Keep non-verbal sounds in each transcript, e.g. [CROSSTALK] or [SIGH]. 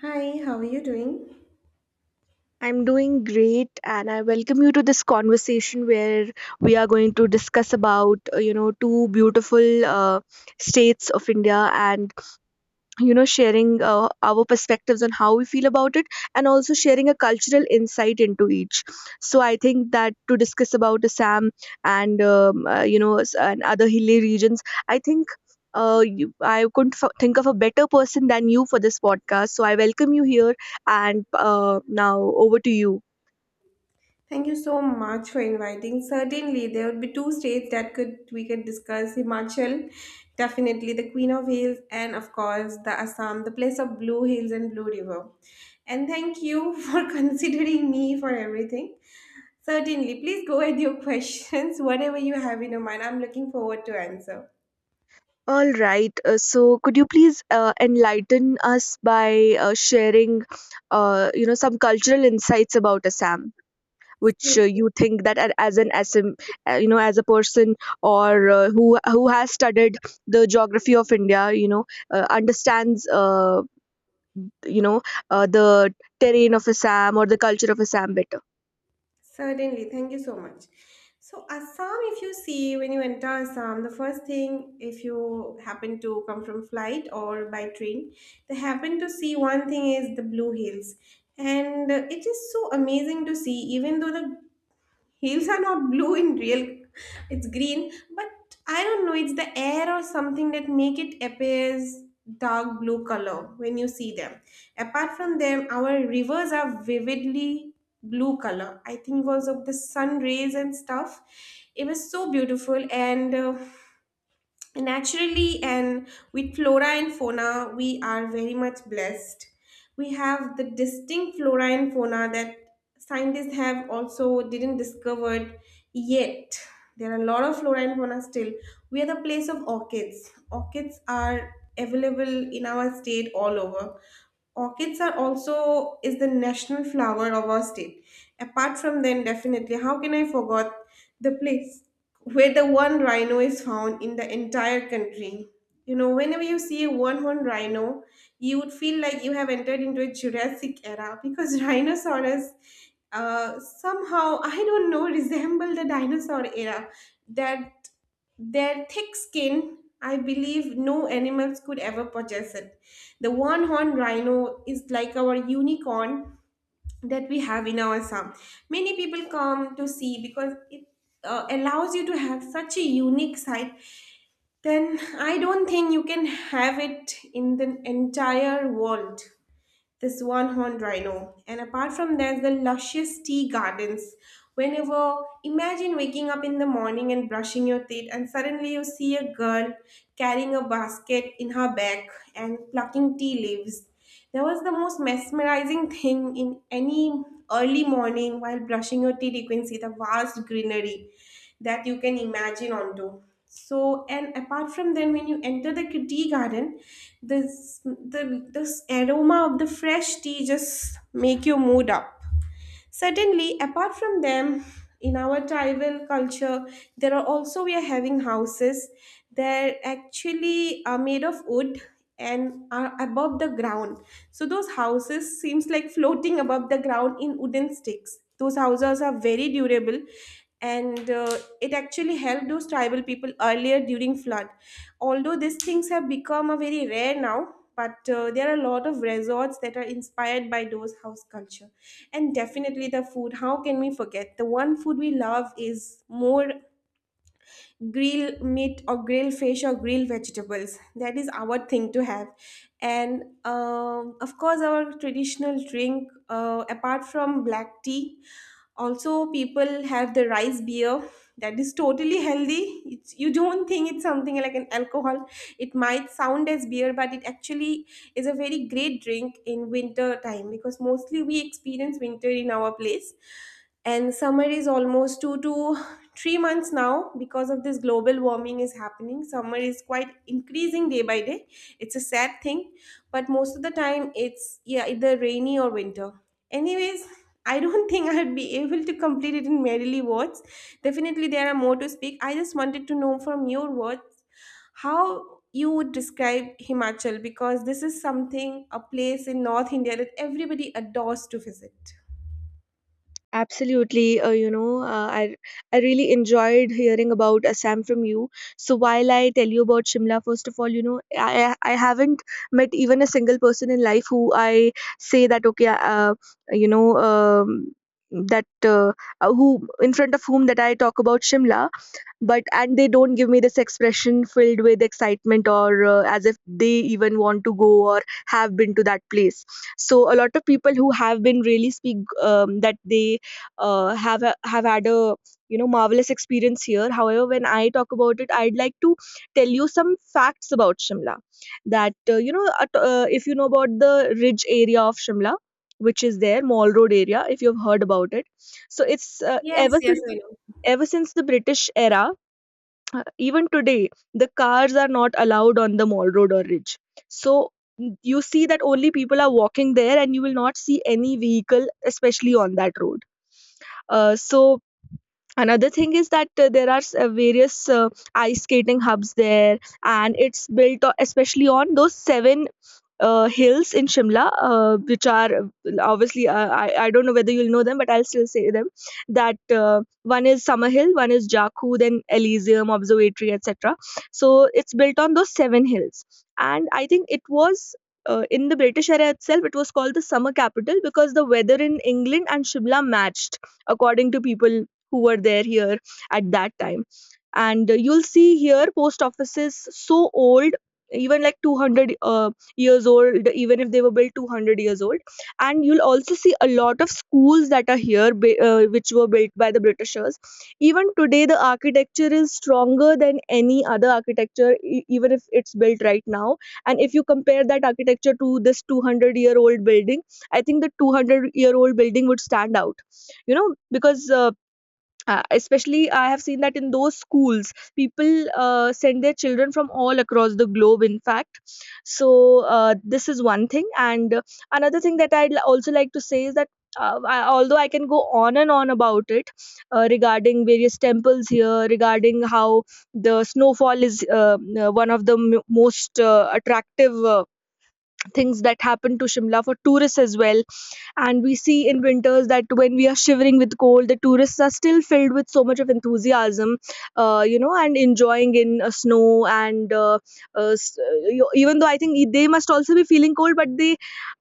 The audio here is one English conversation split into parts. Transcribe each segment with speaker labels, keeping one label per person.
Speaker 1: Hi, how are you doing?
Speaker 2: I'm doing great, and I welcome you to this conversation where we are going to discuss about two beautiful states of India, and sharing our perspectives on how we feel about it, and also sharing a cultural insight into each. So I think that to discuss about Assam and and other hilly regions, I think. I couldn't think of a better person than you for this podcast, so I welcome you here and now over to you.
Speaker 1: Thank you so much for inviting. Certainly, there would be two states that could we could discuss: Himachal, definitely the Queen of Hills, and of course the Assam, the place of blue hills and blue river. And thank you [LAUGHS] for considering me for everything. Certainly, please go ahead your questions, [LAUGHS] whatever you have in your mind. I'm looking forward to answer.
Speaker 2: All right. So, could you please enlighten us by sharing, some cultural insights about Assam, which
Speaker 1: So-
Speaker 2: you think that as an Assam, as a person or who has studied the geography of India, understands, you know, the terrain of Assam or the culture of Assam better.
Speaker 1: Certainly, thank you so much. So, Assam, if you see when you enter Assam, the first thing, if you happen to come from flight or by train, they happen to see one thing is the Blue Hills. And it is so amazing to see, even though the Hills are not blue in real, it's green, but I don't know, it's the air or something that make it appears dark blue color when you see them. Apart from them, our rivers are vividly blue color. I think was of the sun rays and stuff. It was so beautiful and naturally and with flora and fauna we are very much blessed. We have the distinct flora and fauna that scientists have also didn't discovered yet. There are a lot of flora and fauna still. We are the place of orchids. Orchids are available in our state all over. Orchids are also is the national flower of our state. Apart from then, definitely how can I forget the place where the one rhino is found in the entire country. You know, whenever you see a one horned rhino, you would feel like you have entered into a Jurassic era because [LAUGHS] rhinoceros somehow, I don't know, resemble the dinosaur era. That their thick skin, I believe no animals could ever possess it. The one horned rhino is like our unicorn that we have in our Assam. Many people come to see because it allows you to have such a unique sight. Then I don't think you can have it in the entire world this one horned rhino. And apart from that, the luscious tea gardens. Whenever, imagine waking up in the morning and brushing your teeth, and suddenly you see a girl carrying a basket in her back and plucking tea leaves. That was the most mesmerizing thing in any early morning while brushing your teeth. You can see the vast greenery that you can imagine onto. So, and apart from then, when you enter the tea garden, this aroma of the fresh tea just make your mood up. Certainly, apart from them, in our tribal culture, there are also we are having houses. They're actually are made of wood and are above the ground. So those houses seems like floating above the ground in wooden sticks. Those houses are very durable, and it actually helped those tribal people earlier during flood, although these things have become a very rare now, but there are a lot of resorts that are inspired by those house culture. And definitely the food, how can we forget the one food we love is more grill meat or grill fish or grill vegetables, that is our thing to have. And of course our traditional drink, apart from black tea, also people have the rice beer, that is totally healthy. It's, you don't think it's something like an alcohol, it might sound as beer, but it actually is a very great drink in winter time because mostly we experience winter in our place, and summer is almost 2 to 3 months now. Because of this global warming is happening, summer is quite increasing day by day. It's a sad thing, but most of the time it's yeah either rainy or winter. Anyways, I don't [LAUGHS] think I'd be able to complete it in merely words. Definitely there are more to speak, I just wanted to know from your words how you would describe Himachal because this is something a place in North India that everybody adores to visit.
Speaker 2: Absolutely, I really enjoyed hearing about Assam from you. So while I tell you about Shimla, first of all, I haven't met even a single person in life who I say that okay, you know, that who in front of whom that I talk about Shimla, but and they don't give me this expression filled with excitement or as if they even want to go or have been to that place. So a lot of people who have been really speak that they have had a marvelous experience here. However, when I talk about it, I'd like to tell you some facts about Shimla. That if you know about the ridge area of Shimla, which is there Mall Road area, if you've heard about it, so it's
Speaker 1: Yes,
Speaker 2: ever
Speaker 1: yes,
Speaker 2: since
Speaker 1: I know.
Speaker 2: ever since the British era, even today the cars are not allowed on the Mall Road or ridge. So you see that only people are walking there and you will not see any vehicle especially on that road. So another thing is that there are various ice skating hubs there, and it's built especially on those seven hills in Shimla, which are obviously, I don't know whether you'll know them, but I'll still say them. That one is Summer Hill, one is Jakku, then Elysium, Observatory, etc. So it's built on those seven hills. And I think it was in the British era itself, it was called the summer capital because the weather in England and Shimla matched, according to people who were there here at that time. And you'll see here post offices so old, even like 200 years old, even if they were built 200 years old. And you'll also see a lot of schools that are here, which were built by the britishers. Even today the architecture is stronger than any other architecture, even if it's built right now. And if you compare that architecture to this 200-year-old building, I think the 200-year-old building would stand out, because especially, I have seen that in those schools, people send their children from all across the globe, in fact. So, this is one thing. And another thing that I'd also like to say is that although I can go on and on about it regarding various temples here, regarding how the snowfall is one of the most attractive things that happen to Shimla for tourists as well. And we see in winters that when we are shivering with cold, the tourists are still filled with so much of enthusiasm, and enjoying in snow. And even though I think they must also be feeling cold, but they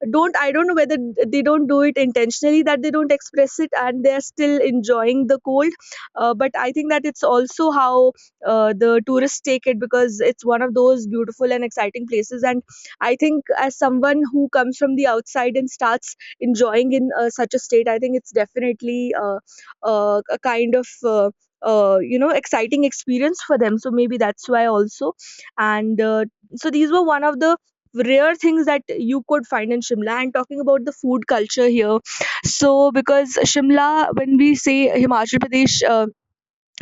Speaker 2: don't, I don't know whether they don't do it intentionally, that they don't express it and they're still enjoying the cold. But I think that it's also how the tourists take it, because it's one of those beautiful and exciting places. And I think, as someone who comes from the outside and starts enjoying in such a state, I think it's definitely a kind of exciting experience for them, so maybe that's why also. And so these were one of the rare things that you could find in Shimla. And talking about the food culture here, so because Shimla, when we say Himachal Pradesh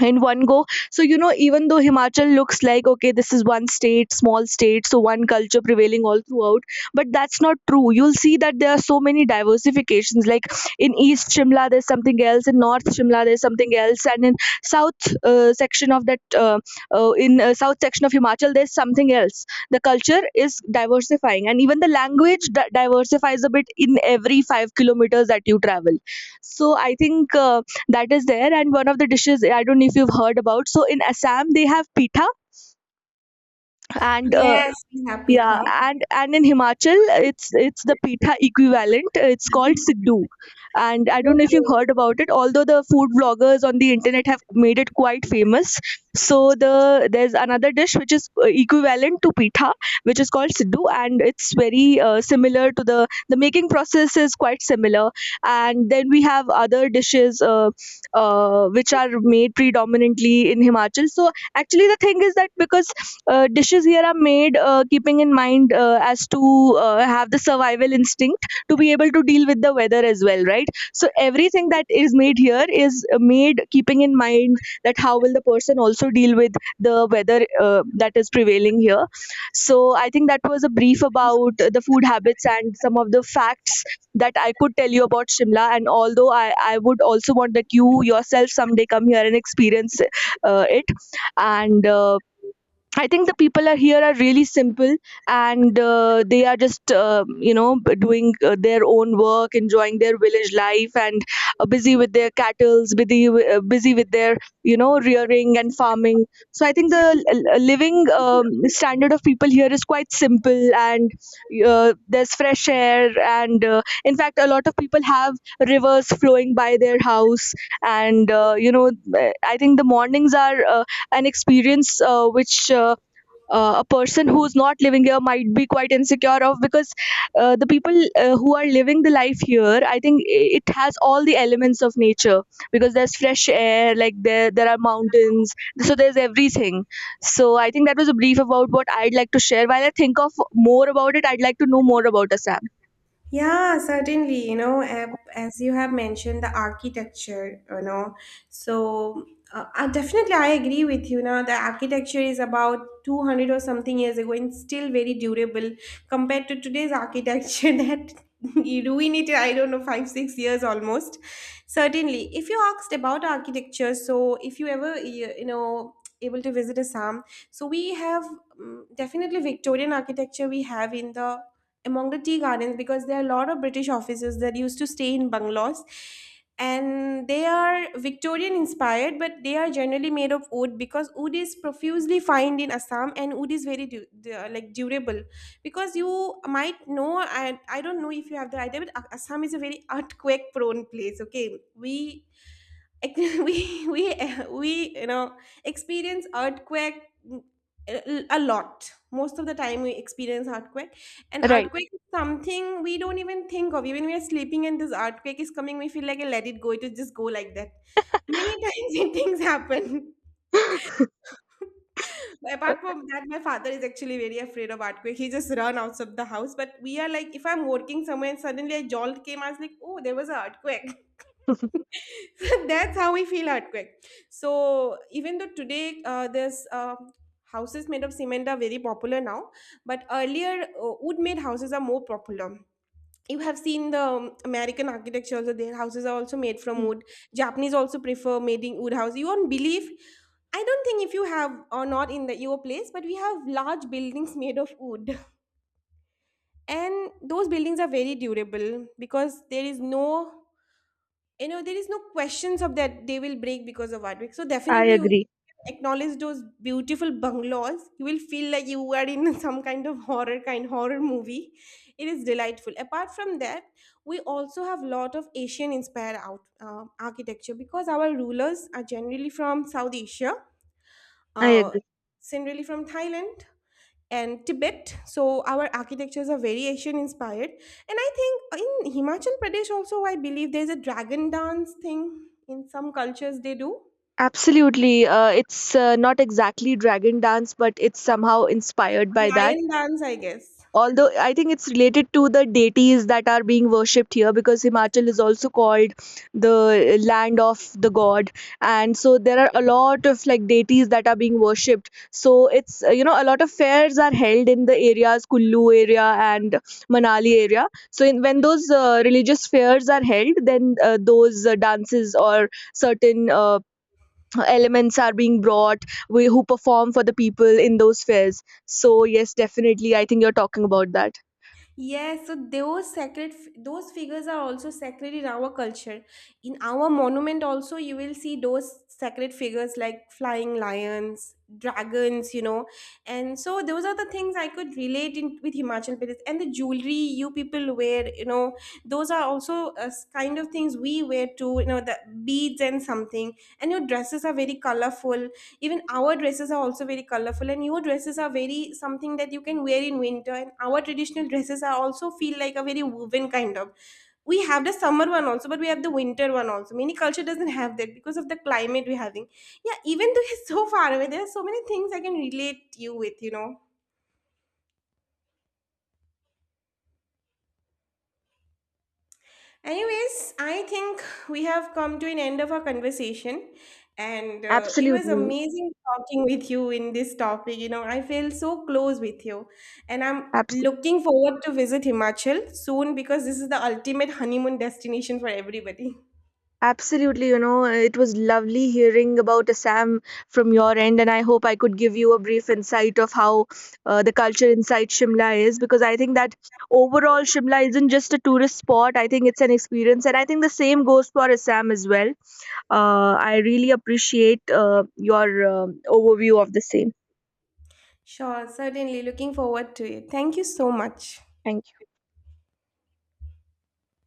Speaker 2: in one go, so even though Himachal looks like, okay, this is one state, small state, so one culture prevailing all throughout, but that's not true. You'll see that there are so many diversifications, like in east Shimla there's something else, in north Shimla there's something else, and in south section of that in south section of Himachal there's something else. The culture is diversifying and even the language diversifies a bit in every 5 kilometers that you travel. So I think that is there. And one of the dishes, I don't know if you've heard about, so in Assam they have pitha, and
Speaker 1: Yes, we have
Speaker 2: yeah,
Speaker 1: Pitha.
Speaker 2: and in Himachal, it's the pitha equivalent. It's called siddu, and I don't know if you've
Speaker 1: Okay.
Speaker 2: heard about it. Although the food bloggers on the internet have made it quite famous, so there's another dish which is equivalent to pitha, which is called siddu, and it's very similar to the making process is quite similar. And then we have other dishes which are made predominantly in Himachal. So actually, the thing is that because dishes here are made keeping in mind as to have the survival instinct to be able to deal with the weather as well, right? So everything that is made here is made keeping in mind that how will the person also deal with the weather that is prevailing here. So I think that was a brief about the food habits and some of the facts that I could tell you about Shimla. And although I would also want that you yourself someday come here and experience it. And I think the people are here are really simple, and they are just doing their own work, enjoying their village life, and busy with their cattles, busy with their rearing and farming. So I think the living standard of people here is quite simple, and there's fresh air, and in fact, a lot of people have rivers flowing by their house, and I think the mornings are. An experience which a person who's not living here might be quite insecure of, because the people who are living the life here, I think it has all the elements of nature, because there's fresh air, like there are mountains, so there's everything. So I think that was a brief about what I'd like to share. While I think of more about it, I'd like to know more about Assam.
Speaker 1: Yeah, certainly. You know, as you have mentioned, the architecture, so definitely I agree with you. Now, the architecture is about 200 or something years ago and still very durable compared to today's architecture [LAUGHS] that you ruin it, I don't know, five, 6 years almost. Certainly. If you asked about architecture, so if you ever, able to visit Assam, so we have definitely Victorian architecture we have in the among the tea gardens because there are a lot of British officers that used to stay in bungalows. And they are Victorian inspired, but they are generally made of wood because wood is profusely found in Assam and wood is very like durable. Because you might know, and I don't know if you have the idea, but Assam is a very earthquake prone place. Okay, ex- [LAUGHS] we we we experience earthquake a lot, most of the time we experience earthquake, and
Speaker 2: Right.
Speaker 1: earthquake is something we don't even think of, even we are sleeping and this earthquake is coming we feel like "Eh, let it go, it will just go like that. Many times [LAUGHS] things happen. [LAUGHS] But apart from that, my father is actually very afraid of earthquake. He just run out of the house. But we are like, if I'm working somewhere and suddenly a jolt came, I was like, oh, there was an earthquake. [LAUGHS] So
Speaker 2: [LAUGHS]
Speaker 1: that's how we feel earthquake. So even though today there's houses made of cement are very popular now, but earlier wood made houses are more popular. You have seen the American architecture also, their houses are also made from wood. Japanese also prefer making wood house. You won't believe. I don't think if you have or not in the your place, but we have large buildings made of wood, and those buildings are very durable because there is no, there is no questions of that they will break because of artwork. So
Speaker 2: I
Speaker 1: definitely you
Speaker 2: agree.
Speaker 1: acknowledge those beautiful bungalows, you will feel like you are in [LAUGHS] some kind of horror kind horror movie. It is delightful. Apart from that, we also have lot of Asian inspired out architecture because our rulers are generally from South Asia,
Speaker 2: I
Speaker 1: uh,
Speaker 2: agree.
Speaker 1: generally from Thailand and Tibet. So our architectures are variation inspired. And I think in Himachal Pradesh also, I believe there's a dragon dance thing in some cultures they do.
Speaker 2: Absolutely. It's not exactly dragon dance, but it's somehow inspired by that.
Speaker 1: Lion dance, I guess.
Speaker 2: Although I think it's related to the deities that are being worshipped here, because Himachal is also called the land of the god. And so there are a lot of like deities that are being worshipped. So it's, a lot of fairs are held in the areas, Kullu area and Manali area. So when those religious fairs are held, then those dances or certain elements are being brought, who perform for the people in those fairs, so yes, definitely I think you're talking about that.
Speaker 1: Yes, so those sacred, those figures are also sacred in our culture. In our monument also, you will see those sacred figures like flying lions, dragons. And so those are the things I could relate in with Himachal Pradesh. And the jewelry you people wear, those are also kind of things we wear too, the beads and something. And your dresses are very colorful, even our dresses are also very colorful, and your dresses are very something that you can wear in winter, and our traditional dresses are also feel like a very woven kind of. We have the summer one also, but we have the winter one also, many culture doesn't have that because of the climate we're having. Yeah, even though [LAUGHS] it's so far away, there are so many things I can relate you with. Anyways, I think we have come to an end of our conversation, and it was
Speaker 2: Absolutely.
Speaker 1: amazing talking with you in this topic. You know, I feel so close with you, and I'm
Speaker 2: Absolutely.
Speaker 1: looking forward to visit Himachal soon because this is the ultimate honeymoon destination for everybody. [LAUGHS]
Speaker 2: Absolutely. You know, it was lovely hearing about Assam from your end, and I hope I could give you a brief insight of how the culture inside Shimla is, because I think that overall, Shimla isn't just a tourist spot, I think it's an experience, and I think the same goes for Assam as well. I really appreciate your overview of the same.
Speaker 1: Sure, certainly looking forward to it. Thank you so much.
Speaker 2: Thank